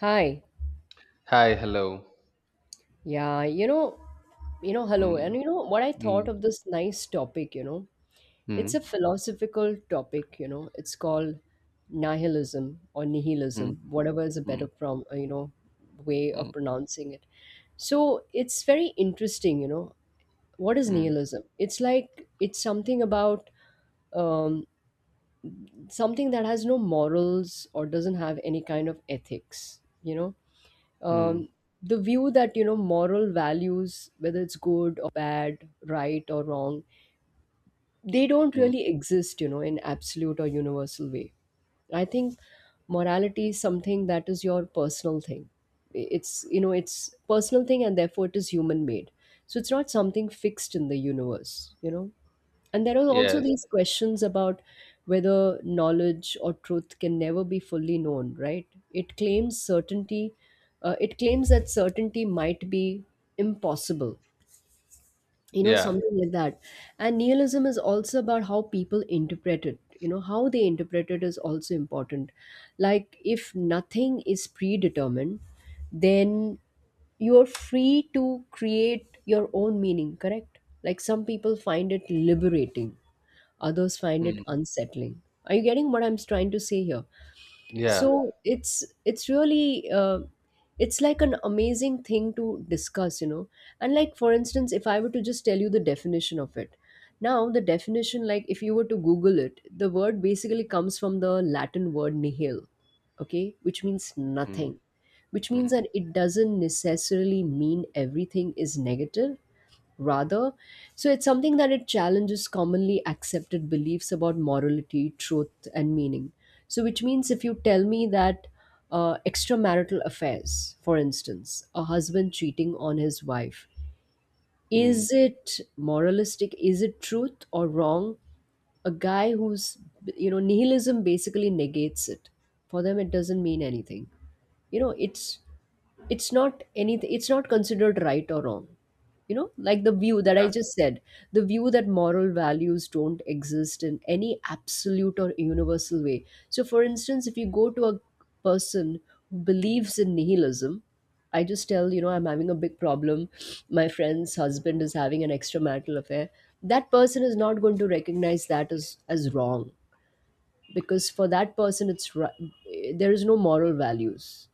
Hi. Hi, hello. Yeah, you know, Hello. And Mm, you know what I mm, thought of this nice topic, you know? It's mm, a philosophical topic, you know. It's called nihilism or mm, nihilism, whatever is a better mm, way mm, of pronouncing it. So, it's very interesting, you know. What is mm, nihilism? It's like it's something about um, something that has no morals or doesn't have any kind of ethics, you know? mm, um, the view that, you know, moral values, whether it's good or bad, right or wrong, they don't mm. really exist, you know, in absolute or universal way. I think morality is something that is your personal thing. It's, you know, it's personal thing and therefore it is human made. So it's not something fixed in the universe, you know. And there are also Yes, these questions about whether knowledge or truth can never be fully known, right? It claims certainty, it claims that certainty might be impossible, you know, yeah, something like that. And nihilism is also about how people interpret it. You know, how they interpret it is also important. Like, if nothing is predetermined, then you're free to create your own meaning, correct? Like, some people find it liberating, others find it mm, unsettling. Are you getting what I'm trying to say here? yeah, So it's really it's like an amazing thing to discuss, you know. And like, for instance, if I were to just tell you the definition of it. Now the definition, like, if you were to google it, the word basically comes from the Latin word nihil, okay, which means mm, nothing. Which means mm, that it doesn't necessarily mean everything is negative rather. So it's something that it challenges commonly accepted beliefs about morality, truth, and meaning. So, which means if you tell me that, extramarital affairs, for instance, a husband cheating on his wife, mm, is it moralistic? Is it truth or wrong? A guy who's, you know, nihilism basically negates it. For them, it doesn't mean anything you know it's it's not anything. It's not considered right or wrong, you know, like the view that I yeah, just said. The view that moral values don't exist in any absolute or universal way. So for instance, if you go to a person who believes in nihilism, I just tell, you know, I'm having a big problem, my friend's husband is having an extramarital affair, that person is not going to recognize that as wrong, because for that person there is no moral values.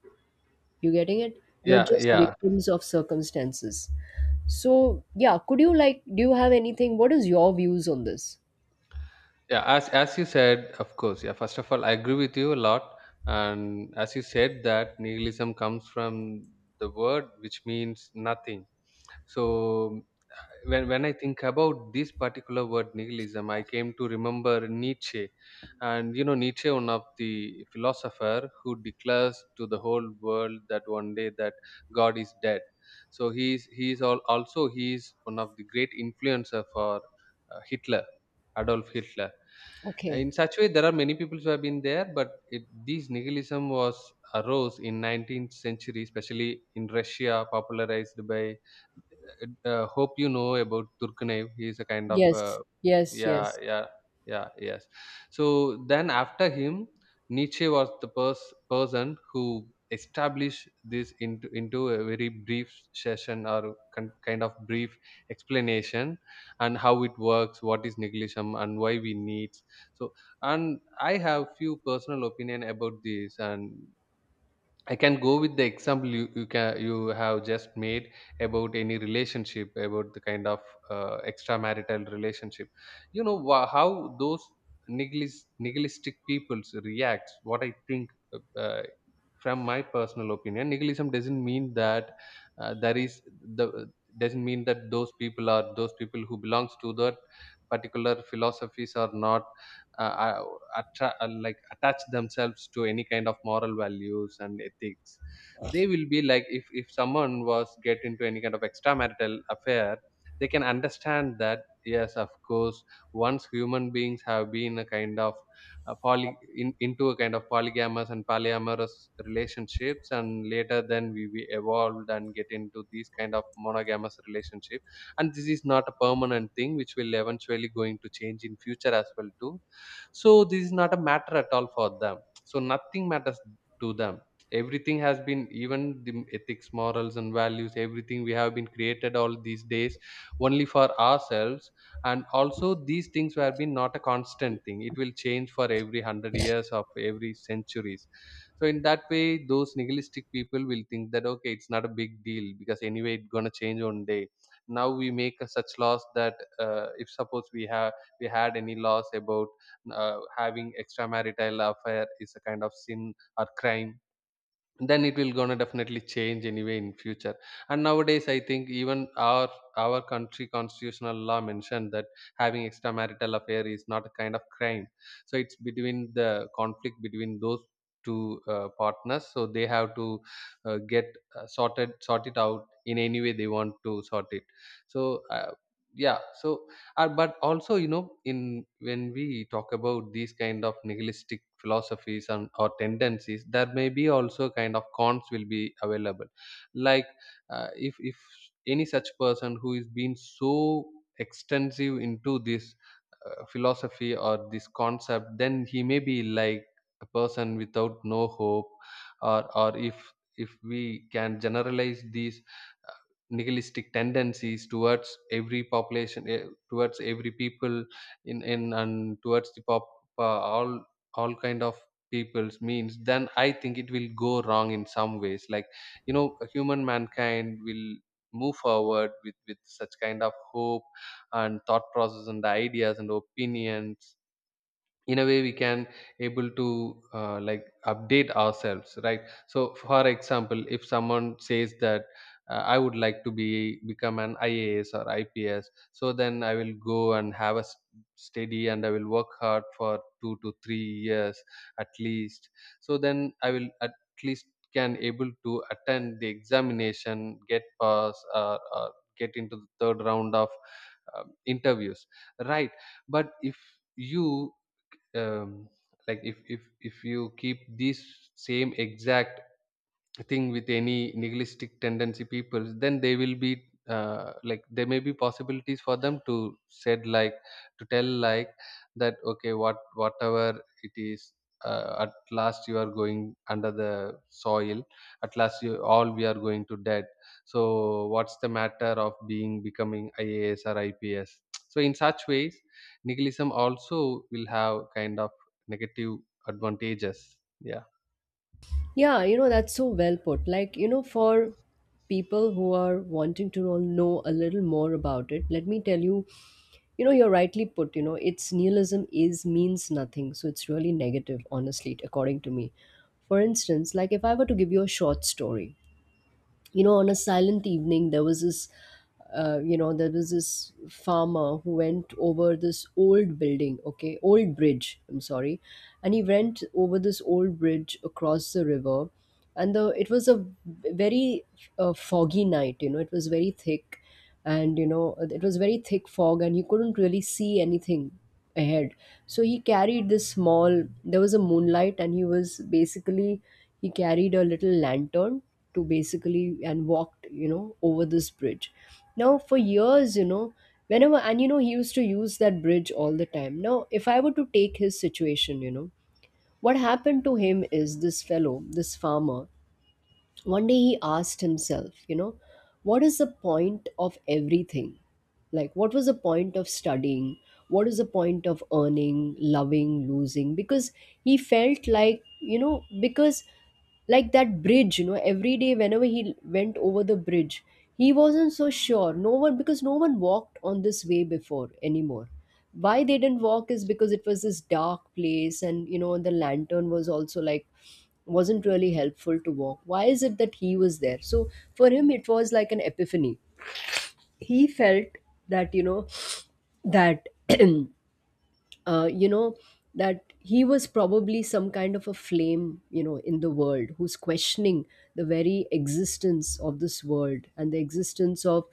You getting it? You're yeah, just yeah, victims of circumstances. So, yeah, could you like, do you have anything? What is your views on this? yeah. As you said, of course, yeah. First of all, I agree with you a lot, and as you said that nihilism comes from the word which means nothing. So when I think about this particular word nihilism, I came to remember Nietzsche, and you know Nietzsche, one of the philosopher who declares to the whole world that one day that God is dead. So he's all, also he's one of the great influencer for Hitler, Adolf Hitler. Okay. In such way, there are many people who have been there, but it, these nihilism was arose in 19th century, especially in Russia, popularized by. Hope you know about Turkmenev. He is a kind of. Yes, yes, Yeah, yes. yeah, yeah, yes. So then after him, Nietzsche was the person who established this into a very brief session or kind of brief explanation and how it works, what is nihilism, and why we need so. And I have few personal opinion about this, and I can go with the example you have just made about any relationship, about the kind of extramarital relationship. You know how those nihilistic peoples react. What I think, from my personal opinion, nihilism doesn't mean that there is the doesn't mean that those people are those people who belongs to that particular philosophies are not uh, uh, like attach themselves to any kind of moral values and ethics. They will be like, if someone was get into any kind of extramarital affair they can understand that, yes, of course, once human beings have been a kind of into a kind of polygamous and polyamorous relationships, and later then we evolved and get into these kind of monogamous relationship, and this is not a permanent thing which will eventually going to change in future as well too. So this is not a matter at all for them. So nothing matters to them. Everything has been, even the ethics, morals, and values, everything we have been created all these days only for ourselves. And also, these things have been not a constant thing. It will change for every 100 years of every centuries. So in that way, those nihilistic people will think that, okay, it's not a big deal because anyway, it's gonna change one day. Now we make a such laws that, if suppose we had any laws about having extramarital affair is a kind of sin or crime, then it will gonna definitely change anyway in future. And nowadays I think even our country constitutional law mentioned that having extramarital affair is not a kind of crime. So it's between the conflict between those two partners, so they have to get sort it out in any way they want to sort it. So, yeah. So, but also, in when we talk about these kind of nihilistic philosophies and or tendencies, there may be also kind of cons will be available. Like, if any such person who is been so extensive into this philosophy or this concept, then he may be like a person without no hope, or if we can generalize these uh, nihilistic tendencies towards every population, towards every people, in and towards the pop uh, all all kind of people's means, then I think it will go wrong in some ways, like you know human mankind will move forward with such kind of hope and thought process and ideas and opinions, in a way we can able to like update ourselves, right? So for example, if someone says that, I would like to be become an IAS or IPS, so then I will go and have a steady and I will work hard for 2 to 3 years at least, so then I will at least can able to attend the examination, get pass, or get into the third round of interviews, right? But if you, um, like if you keep this same exact thing with any nihilistic tendency people, then they will be, like, there may be possibilities for them to said like, to tell like that, okay, whatever it is, at last you are going under the soil, at last you all we are going to dead. So what's the matter of being becoming IAS or IPS? So in such ways nihilism also will have kind of negative advantages. Yeah, Yeah, you know, that's so well put. Like, you know, for people who are wanting to know a little more about it, let me tell you, you know, you're rightly put, you know, it's nihilism is means nothing. So it's really negative, honestly, according to me. For instance, like if I were to give you a short story, you know, on a silent evening, there was this, there was this farmer who went over this old building okay old bridge, I'm sorry, and he went over this old bridge across the river. And the it was a very foggy night, you know, it was very thick. And you know, it was very thick fog and he couldn't really see anything ahead. So he carried this small there was a moonlight and he was basically he carried a little lantern to basically and walked, you know, over this bridge. Now for years, you know, whenever, and you know, he used to use that bridge all the time. Now if I were to take his situation, you know, what happened to him is, this fellow, this farmer, one day he asked himself, you know, what is the point of everything? Like what was the point of studying? What is the point of earning, loving, losing? Because he felt like, you know, because like that bridge, you know, every day whenever he went over the bridge, he wasn't so sure. No one, because no one walked on this way before anymore. Why they didn't walk is because it was this dark place, and you know the lantern was also like, wasn't really helpful to walk. Why is it that he was there? So for him it was like an epiphany. He felt that, you know, that you know, that he was probably some kind of a flame, you know, in the world, who's questioning the very existence of this world and the existence of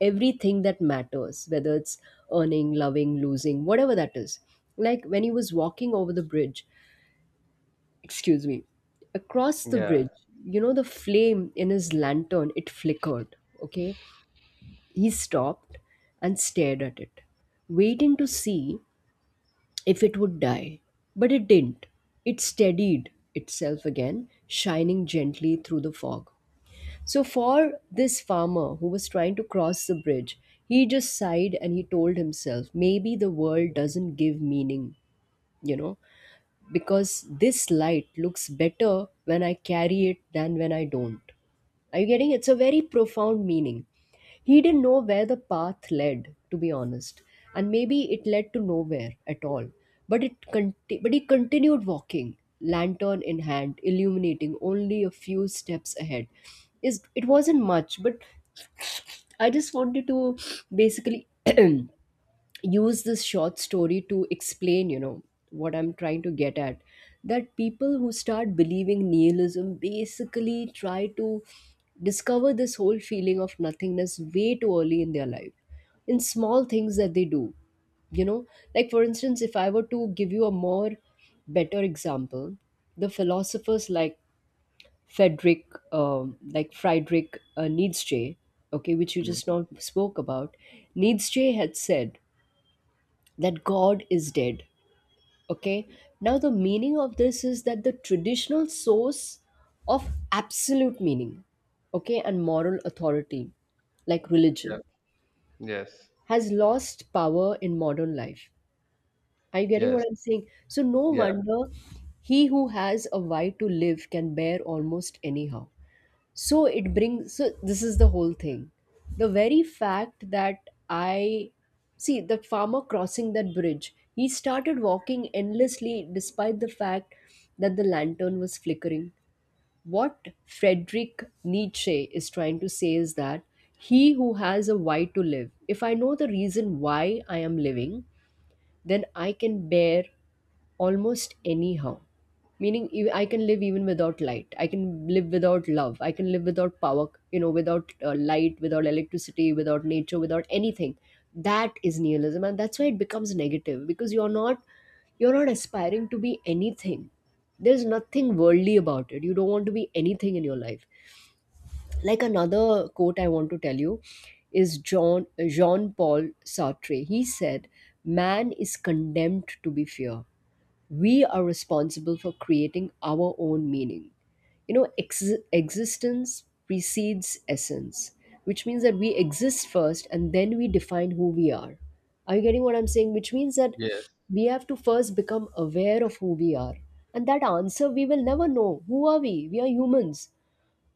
everything that matters, whether it's earning, loving, losing, whatever that is. Like when he was walking over the bridge, excuse me, across the yeah. bridge, you know, the flame in his lantern, it flickered. Okay. He stopped and stared at it, waiting to see if it would die. But it didn't. It steadied itself again, shining gently through the fog. So, for this farmer who was trying to cross the bridge, he just sighed and he told himself, maybe the world doesn't give meaning, you know, because this light looks better when I carry it than when I don't. Are you getting it? It's a very profound meaning. He didn't know where the path led, to be honest, and maybe it led to nowhere at all. But he continued walking, lantern in hand, illuminating only a few steps ahead. Is it wasn't much, but I just wanted to basically use this short story to explain, you know, what I'm trying to get at. That people who start believing nihilism basically try to discover this whole feeling of nothingness way too early in their life, in small things that they do. You know, like for instance, if I were to give you a more better example, the philosophers like Friedrich Nietzsche, okay, which you Mm. just now spoke about, Nietzsche had said that God is dead. Okay. Now, the meaning of this is that the traditional source of absolute meaning, okay, and moral authority, like Yeah, religion, yes. has lost power in modern life. Are you getting what Yes, I'm saying? So, no yeah, wonder, he who has a why to live can bear almost anyhow. So it brings, so this is the whole thing. The very fact that I see the farmer crossing that bridge, he started walking endlessly despite the fact that the lantern was flickering. What Friedrich Nietzsche is trying to say is that he who has a why to live, if I know the reason why I am living, then I can bear almost anyhow. Meaning I can live even without light, I can live without love, I can live without power, you know, without light, without electricity, without nature, without anything. That is nihilism, and that's why it becomes negative, because you're not aspiring to be anything. There's nothing worldly about it, you don't want to be anything in your life. Like another quote I want to tell you is John Jean Paul Sartre. He said, "Man is condemned to be fear, we are responsible for creating our own meaning." You know, existence precedes essence, which means that we exist first and then we define who we are. Are you getting what I'm saying? Which means that yes, we have to first become aware of who we are. And that answer we will never know. Who are we? We are humans.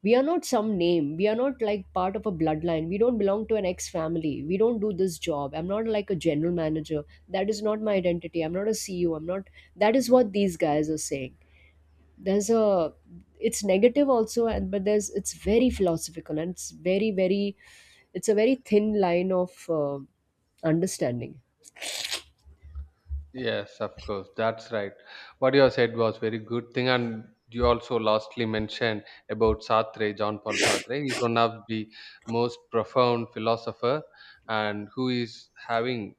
We are not some name, we are not like part of a bloodline, we don't belong to an ex family, we don't do this job. I'm not like a general manager, that is not my identity. I'm not a CEO, I'm not. That is what these guys are saying. There's a, it's negative also, and but there's, it's very philosophical, and it's very very it's a very thin line of understanding. yes, of course. That's right. What you have said was very good thing, and you also lastly mentioned about Sartre, John Paul Sartre. He's one of the most profound philosopher, and who is having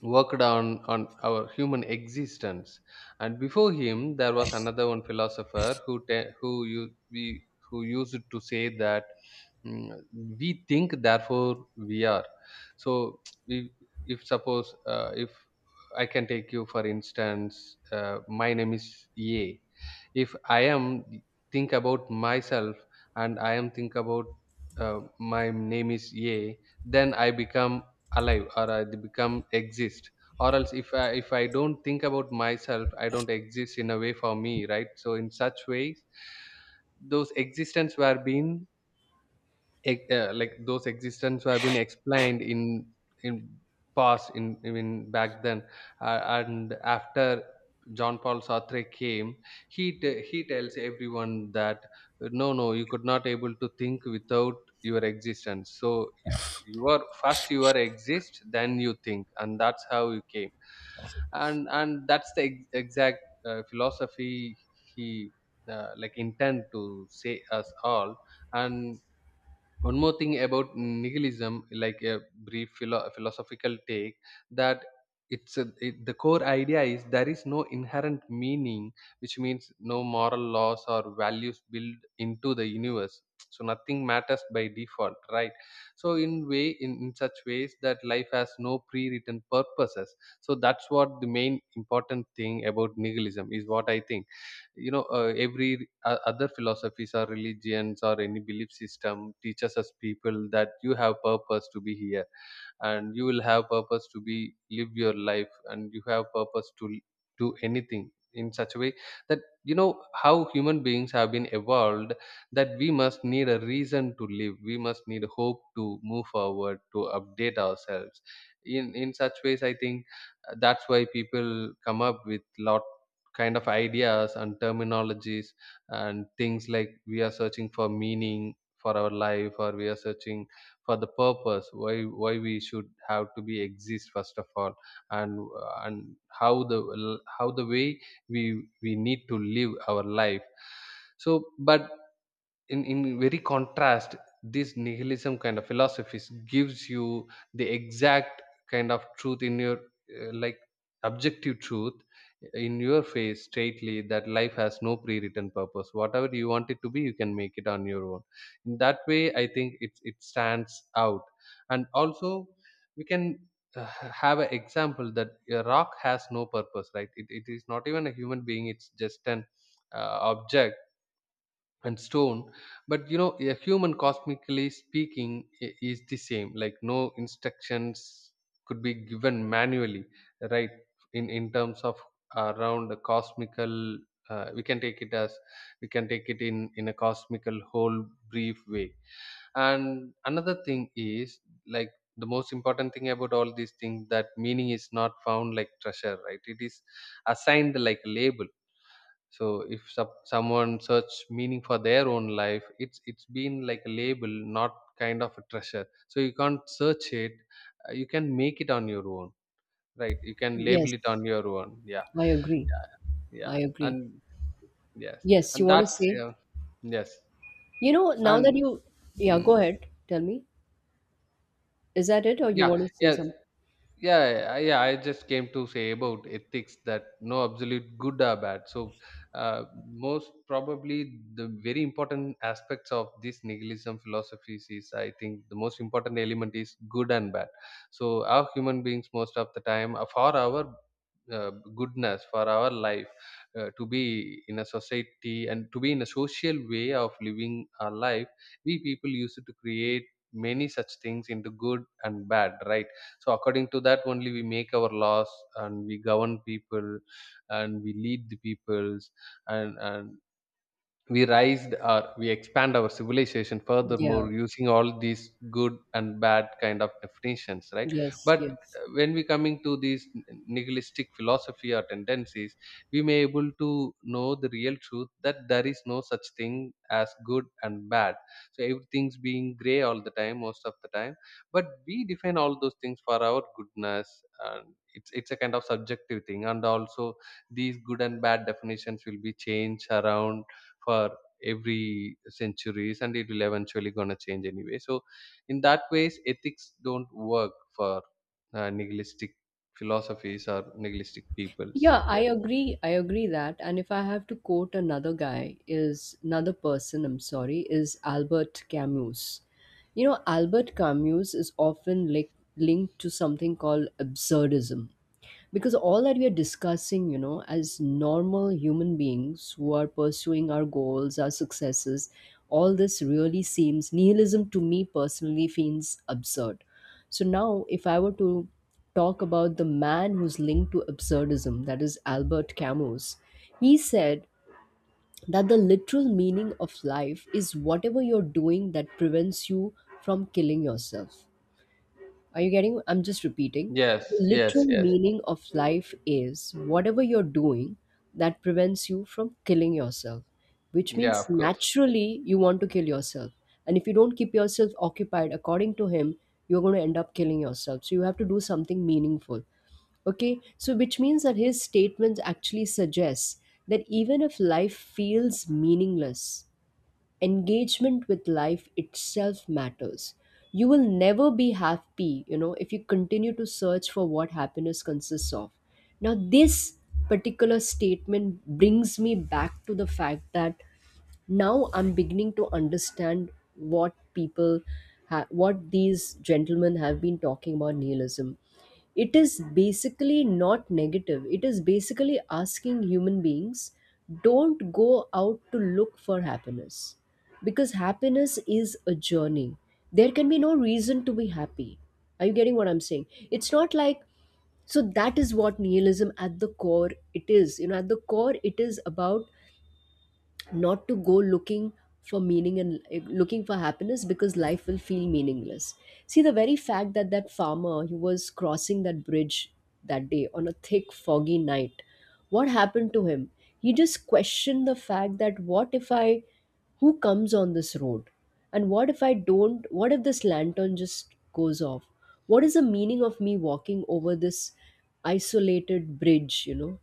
worked on our human existence. And before him, there was another one philosopher who te- who you we who used to say that Mm, we think therefore we are. So, we, if suppose, if I can take you, for instance, my name is a, if I am think about myself, and I am think about, my name is a, then I become alive or I become exist, or else if I don't think about myself I don't exist in a way for me, right? So in such ways those existence were being, like those existence have been explained in past, in even back then. And after John Paul Sartre came, he tells everyone that, no you could not able to think without your existence. So if you are first, you are exist, then you think, and that's how you came. And that's the exact philosophy he like intend to say us all. And one more thing about nihilism, like a brief philosophical take, that the core idea is there is no inherent meaning, which means no moral laws or values built into the universe, so nothing matters by default, right? So in way in such ways, that life has no pre-written purposes. So that's what the main important thing about nihilism is, what I think. Every other philosophies or religions or any belief system teaches us people that you have purpose to be here, and you will have purpose to be live your life, and you have purpose to do anything, in such a way that you know how human beings have been evolved, that we must need a reason to live, we must need hope to move forward, to update ourselves in such ways, I think. That's why people come up with lot kind of ideas and terminologies and things, like we are searching for meaning for our life, or we are searching for the purpose why we should have to be exist first of all, and and how the way we need to live our life. So but in very contrast, this nihilism kind of philosophies gives you the exact kind of truth in your, like, objective truth, in your face straightly, that life has no pre-written purpose, whatever you want it to be you can make it on your own. In that way I think it stands out. And also we can, uh, have an example that a rock has no purpose, right? It is not even a human being, it's just an object and stone. But a human, cosmically speaking, is the same, like no instructions could be given manually, right? In terms of around the cosmical, uh, we can take it as we can take it in a cosmical whole brief way. And another thing is, like the most important thing about all these things, that meaning is not found like treasure, right? It is assigned like a label. So if someone search meaning for their own life, it's been like a label, not kind of a treasure, so you can't search it. You can make it on your own, right? You can label Yes, it on your own. Yeah, I agree. yeah, yeah. I agree. and yes Yes, and you want to that's say? yeah, yes You know, now that and you, yeah, go mm, ahead, tell me. Is that it, or you yeah want to say yes something? yeah yeah yeah, I just came to say about ethics that no absolute good or bad. So most probably the very important aspects of this nihilism philosophies is, I think, the most important element is good and bad. So our human beings most of the time, for our goodness, for our life, to be in a society and to be in a social way of living our life, we people used to create many such things into good and bad, right? So according to that only, we make our laws, and we govern people, and we lead the peoples, and we raised our, we expand our civilization Yeah, furthermore using all these good and bad kind of definitions, right? yes, But yes. When we coming to these nihilistic philosophy or tendencies, we may able to know the real truth that there is no such thing as good and bad. So everything's being gray all the time, most of the time. But we define all those things for our goodness, and it's a kind of subjective thing, and also these good and bad definitions will be changed around for every centuries, and it will eventually gonna change anyway. So in that ways, ethics don't work for nihilistic philosophies or nihilistic peoples. Yeah, I Yes. agree. I agree that. And if I have to quote another guy, is another person, I'm sorry, is Albert Camus. You know, Albert Camus is often linked to something called absurdism. Because all that we are discussing, you know, as normal human beings who are pursuing our goals, our successes, all this really seems nihilism, to me personally, feels absurd. So now, if I were to talk about the man who's linked to absurdism, that is Albert Camus. He said that the literal meaning of life is whatever you're doing that prevents you from killing yourself. Are you getting? I'm just repeating. Yes. The Yes. literal Yes. meaning of life is whatever you're doing that prevents you from killing yourself, which Yeah, means of course. naturally you want to kill yourself. And if you don't keep yourself occupied, according to him, you're going to end up killing yourself. So you have to do something meaningful. Okay, so which means that his statements actually suggests that even if life feels meaningless, engagement with life itself matters. You will never be happy, you know, if you continue to search for what happiness consists of. Now this particular statement brings me back to the fact that now I'm beginning to understand what people what these gentlemen have been talking about nihilism. It is basically not negative, it is basically asking human beings don't go out to look for happiness, because happiness is a journey. There can be no reason to be happy. Are you getting what I'm saying? It's not like, so that is what nihilism at the core it is. You know, at the core it is about not to go looking for meaning and looking for happiness, because life will feel meaningless. See, the very fact that farmer, he was crossing that bridge that day on a thick foggy night, what happened to him? He just questioned the fact that what if I, who comes on this road, and what if I don't, what if this lantern just goes off, what is the meaning of me walking over this isolated bridge, you know?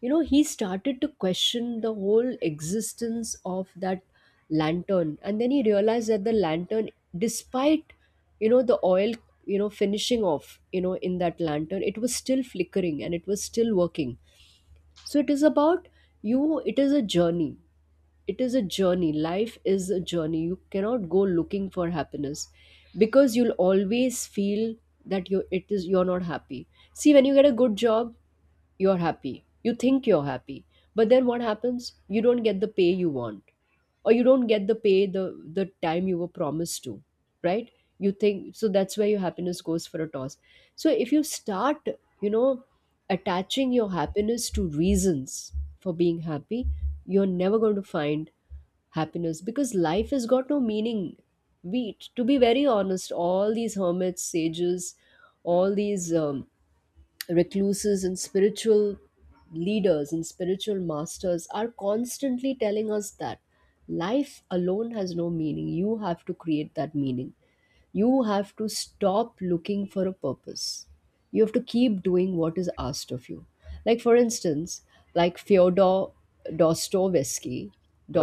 You know, he started to question the whole existence of that lantern, and then he realized that the lantern, despite, you know, the oil, you know, finishing off, you know, in that lantern, it was still flickering and it was still working. So it is about, you, it is a journey, it is a journey, life is a journey, you cannot go looking for happiness, because you'll always feel that you, it is, you're not happy. See, when you get a good job, you're happy. You think you're happy. But then what happens? You don't get the pay you want. Or you don't get the pay, the time you were promised to. Right? You think, so that's where your happiness goes for a toss. So if you start, you know, attaching your happiness to reasons for being happy, you're never going to find happiness, because life has got no meaning. We, to be very honest, all these hermits, sages, all these recluses and spiritual leaders and spiritual masters are constantly telling us that life alone has no meaning. You have to create that meaning, you have to stop looking for a purpose. You have to keep doing what is asked of you. Like, for instance, like Fyodor Dostoevsky,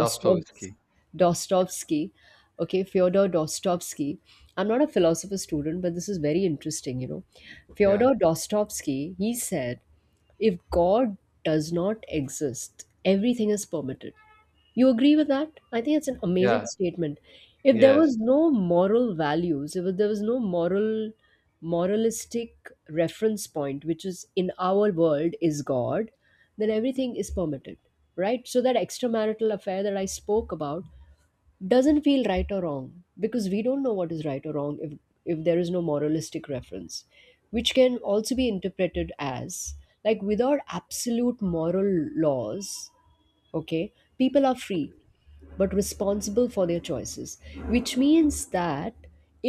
Dostoevsky. Dostoevsky, okay, Fyodor Dostoevsky. I'm not a philosopher student, but this is very interesting, you know. Yeah, Fyodor Dostoevsky, he said if God does not exist, everything is permitted. You agree with that? I think it's an amazing yeah. statement. If there Yes. was no moral values, if there was no moral, moralistic reference point, which is in our world is God, then everything is permitted, right? So that extramarital affair that I spoke about, doesn't feel right or wrong, because we don't know what is right or wrong if there is no moralistic reference, which can also be interpreted as like without absolute moral laws. Okay, people are free but responsible for their choices, which means that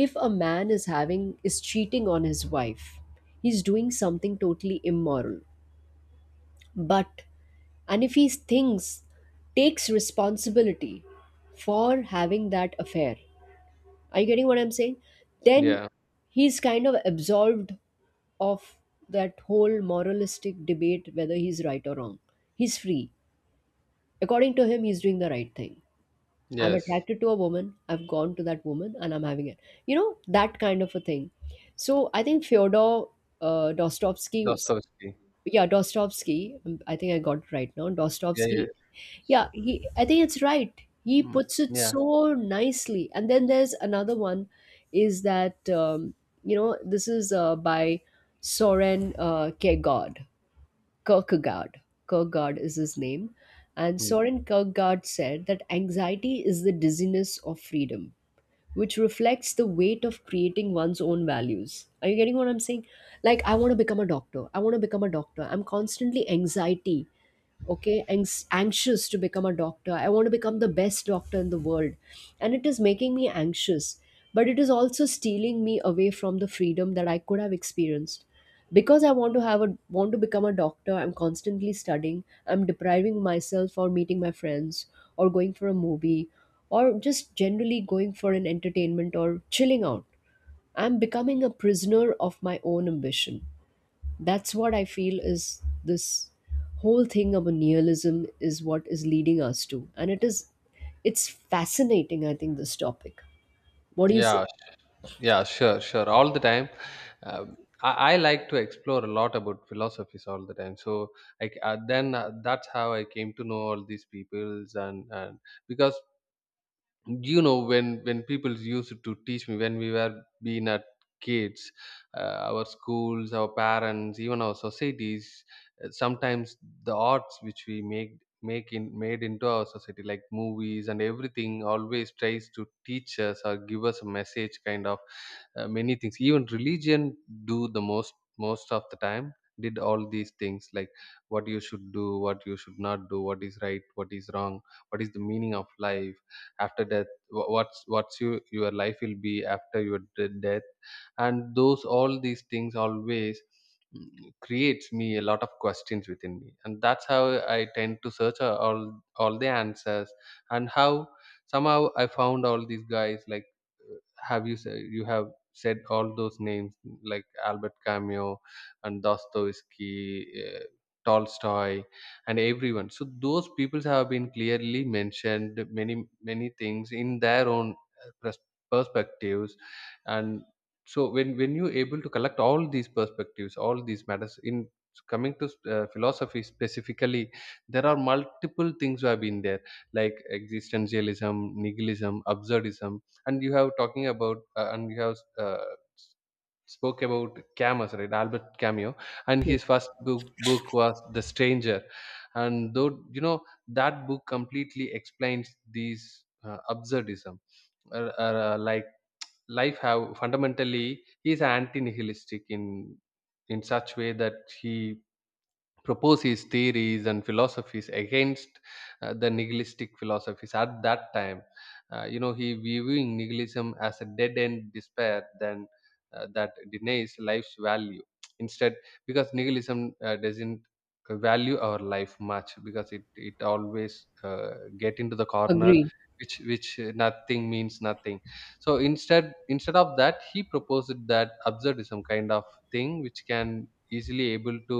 if a man is having, is cheating on his wife, he's doing something totally immoral, but, and if he thinks, takes responsibility for having that affair, are you getting what I'm saying? Then Yeah. he's kind of absolved of that whole moralistic debate whether he's right or wrong. He's free. According to him, he's doing the right thing. I'm Yes. attracted to a woman, I've gone to that woman, and I'm having it. You know, that kind of a thing. So I think Fyodor Dostoevsky, Dostoevsky. yeah, Dostoevsky. I think I got it right now. Yeah, yeah. Dostoevsky. Yeah, Sure. he. I think it's right. He Mm. puts it Yeah. so nicely. And then there's another one, is that you know, this is by Soren Kierkegaard. Kierkegaard. Kierkegaard is his name, and Mm. Soren Kierkegaard said that anxiety is the dizziness of freedom, which reflects the weight of creating one's own values. Are you getting what I'm saying? Like, I want to become a doctor. I want to become a doctor. I'm constantly anxiety, okay, anxious to become a doctor. I want to become the best doctor in the world, and it is making me anxious, but it is also stealing me away from the freedom that I could have experienced, because I want to have a, want to become a doctor. I'm constantly studying, I'm depriving myself for meeting my friends, or going for a movie, or just generally going for an entertainment or chilling out. I'm becoming a prisoner of my own ambition. That's what I feel is this whole thing about nihilism is what is leading us to, and it is, it's fascinating. I think this topic, what do you say? Yeah. Yeah, sure, sure. All the time. I like to explore a lot about philosophies all the time. So, like then that's how I came to know all these peoples, and because you know, when people used to teach me when we were being at kids, our schools, our parents, even our societies, sometimes the arts which we make in made into our society, like movies and everything, always tries to teach us or give us a message kind of, many things, even religion do, the most of the time, did all these things like what you should do, what you should not do, what is right, what is wrong, what is the meaning of life after death, what's you, your life will be after your death. And those all these things always, creates me a lot of questions within me. And that's how I tend to search all the answers. And how somehow I found all these guys like, have you said, you have said all those names, like Albert Camus, and Dostoevsky, uh, Tolstoy, and everyone. So those peoples have been clearly mentioned many many things in their own uh, pers- perspectives. And so when you able to collect all these perspectives, all these matters in coming to philosophy specifically, there are multiple things have been there, like existentialism, nihilism, absurdism. And you have talking about and you have spoke about Camus, right? Albert Camus, and his Yes. first book was The Stranger, and though you know, that book completely explains these absurdism, uh, like life have. Fundamentally he is anti-nihilistic in such way that he propose his theories and philosophies against the nihilistic philosophies at that time. You know, he viewing nihilism as a dead-end despair than that denies life's value. Instead, because nihilism doesn't value our life much, because it always get into the corner, Agree. which nothing means nothing. So instead of that, he proposed that absurdism kind of thing, which can easily able to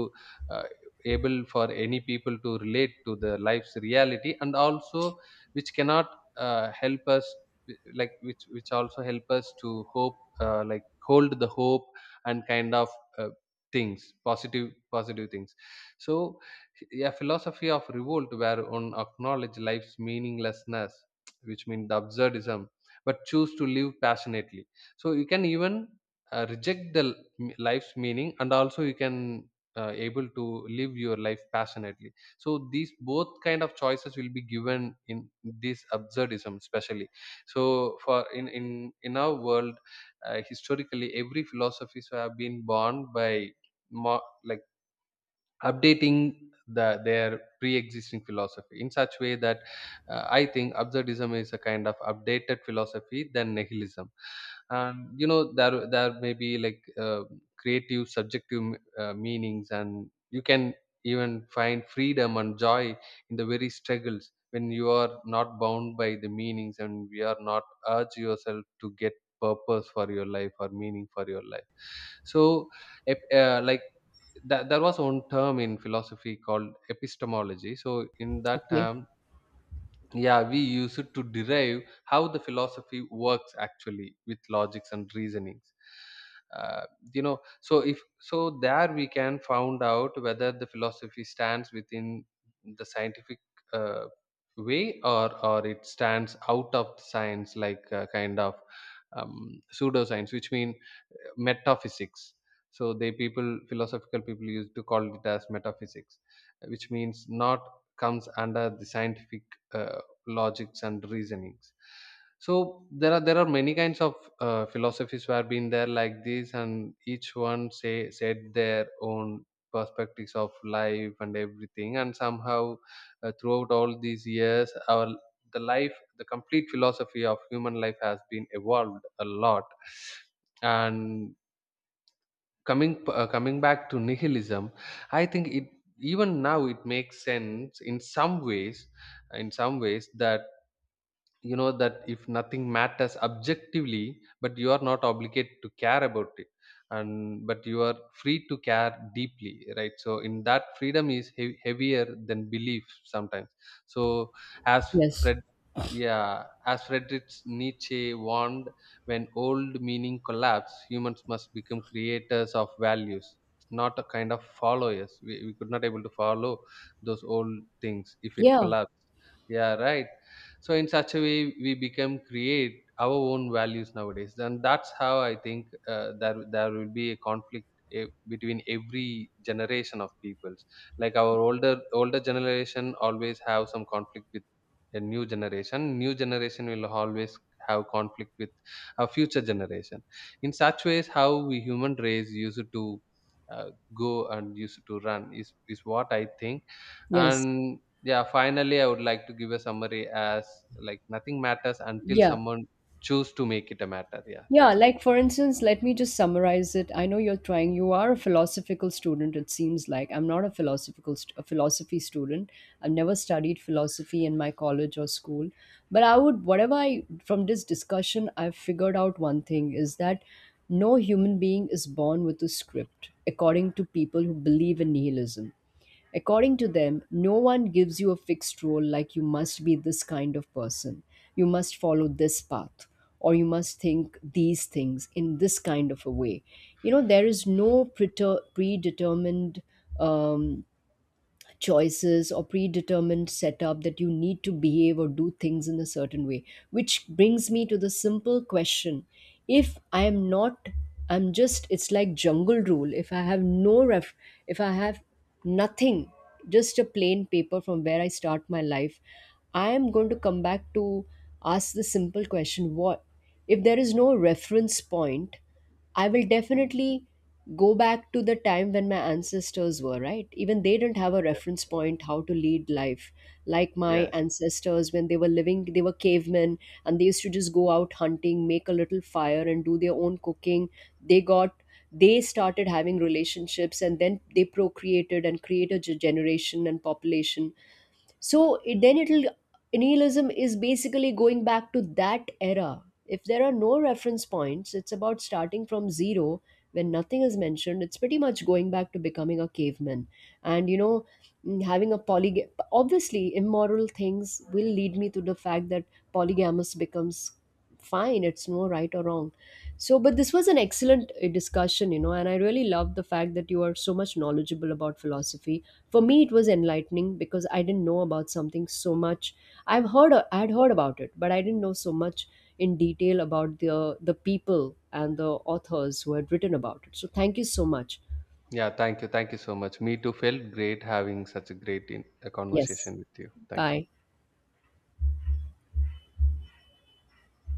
uh, able for any people to relate to the life's reality, and also which cannot help us, like which also help us to hope, like hold the hope, and kind of uh, things, positive things. So a philosophy of revolt where one acknowledge life's meaninglessness, which means the absurdism, but choose to live passionately. So you can even reject the life's meaning, and also you can able to live your life passionately. So these both kind of choices will be given in this absurdism especially. So for in our world, historically every philosophies have been born by, more like, updating the, their pre-existing philosophy in such way that I think absurdism is a kind of updated philosophy than nihilism. And you know, there may be like, creative subjective meanings, and you can even find freedom and joy in the very struggles when you are not bound by the meanings, and we are not urge yourself to get purpose for your life or meaning for your life. So if, like, that there was one term in philosophy called epistemology. So in that Okay. term, yeah, we use it to derive how the philosophy works actually with logics and reasonings. uh, you know, so if, so there we can found out whether the philosophy stands within the scientific uh, way, or it stands out of science, like kind of pseudoscience, which mean metaphysics. So they people, philosophical people, used to call it as metaphysics, which means not comes under the scientific uh, logics and reasonings. So there are many kinds of philosophies who have been there like this, and each one say said their own perspectives of life and everything. And somehow throughout all these years, our, the life, the complete philosophy of human life has been evolved a lot. And coming back to nihilism, I think it, even now it makes sense in some ways, in some ways, that you know, that if nothing matters objectively, but you are not obligated to care about it, and but you are free to care deeply, right? So in that, freedom is heavier than belief sometimes. So as Yes. fred yeah as Friedrich Nietzsche warned, when old meaning collapse, humans must become creators of values, not a kind of followers. We could not able to follow those old things if it Yeah. collapsed. Yeah, right. So in such a way, we become create our own values nowadays. And that's how I think, there will be a conflict, between every generation of peoples. Like our older generation always have some conflict with a new generation. New generation will always have conflict with a future generation. In such ways how we human race used to uh, go and used to run is what I think. Yes. And yeah, finally, I would like to give a summary as, like, nothing matters until Yeah. someone choose to make it a matter. Yeah, Yeah, that's it. like for instance, let me just summarize it. I know you're trying. You are a philosophical student. It seems like I'm not a philosophical a philosophy student. I've never studied philosophy in my college or school. But I would, whatever I from this discussion, I've figured out one thing is that no human being is born with a script. According to people who believe in nihilism, according to them, no one gives you a fixed role, like you must be this kind of person, you must follow this path, or you must think these things in this kind of a way. You know, there is no predetermined um, choices or predetermined setup that you need to behave or do things in a certain way, which brings me to the simple question, if I am not, I'm just, it's like jungle rule, if I have no ref, if I have nothing, just a plain paper from where I start my life, I am going to come back to ask the simple question, what if there is no reference point, I will Mm. definitely go back to the time when my ancestors were, right? Even they didn't have a Yeah. reference point how to lead life. Like my Yes. ancestors, when they were living, they were cavemen, and they used to just go out hunting, make a little fire, and do their own cooking. They got, they started having relationships and then they procreated and created a generation and population, so it, then it'll, nihilism is basically going back to that era. If there are no reference points, it's about starting from zero. When nothing is mentioned, it's pretty much going back to becoming a caveman. And you know, having a poly, obviously immoral things will lead me to the fact that polygamous becomes fine, it's no right or wrong. So, but this was an excellent discussion, you know, and I really love the fact that you are so much knowledgeable about philosophy. For me, it was enlightening because I didn't know about something so much. I've heard, I had heard about it, but I didn't know so much in detail about the people and the authors who had written about it. So thank you so much. Yeah, thank you. Thank you so much. Me too felt great having such a great in, a Yes. conversation with you. Thank you. Bye.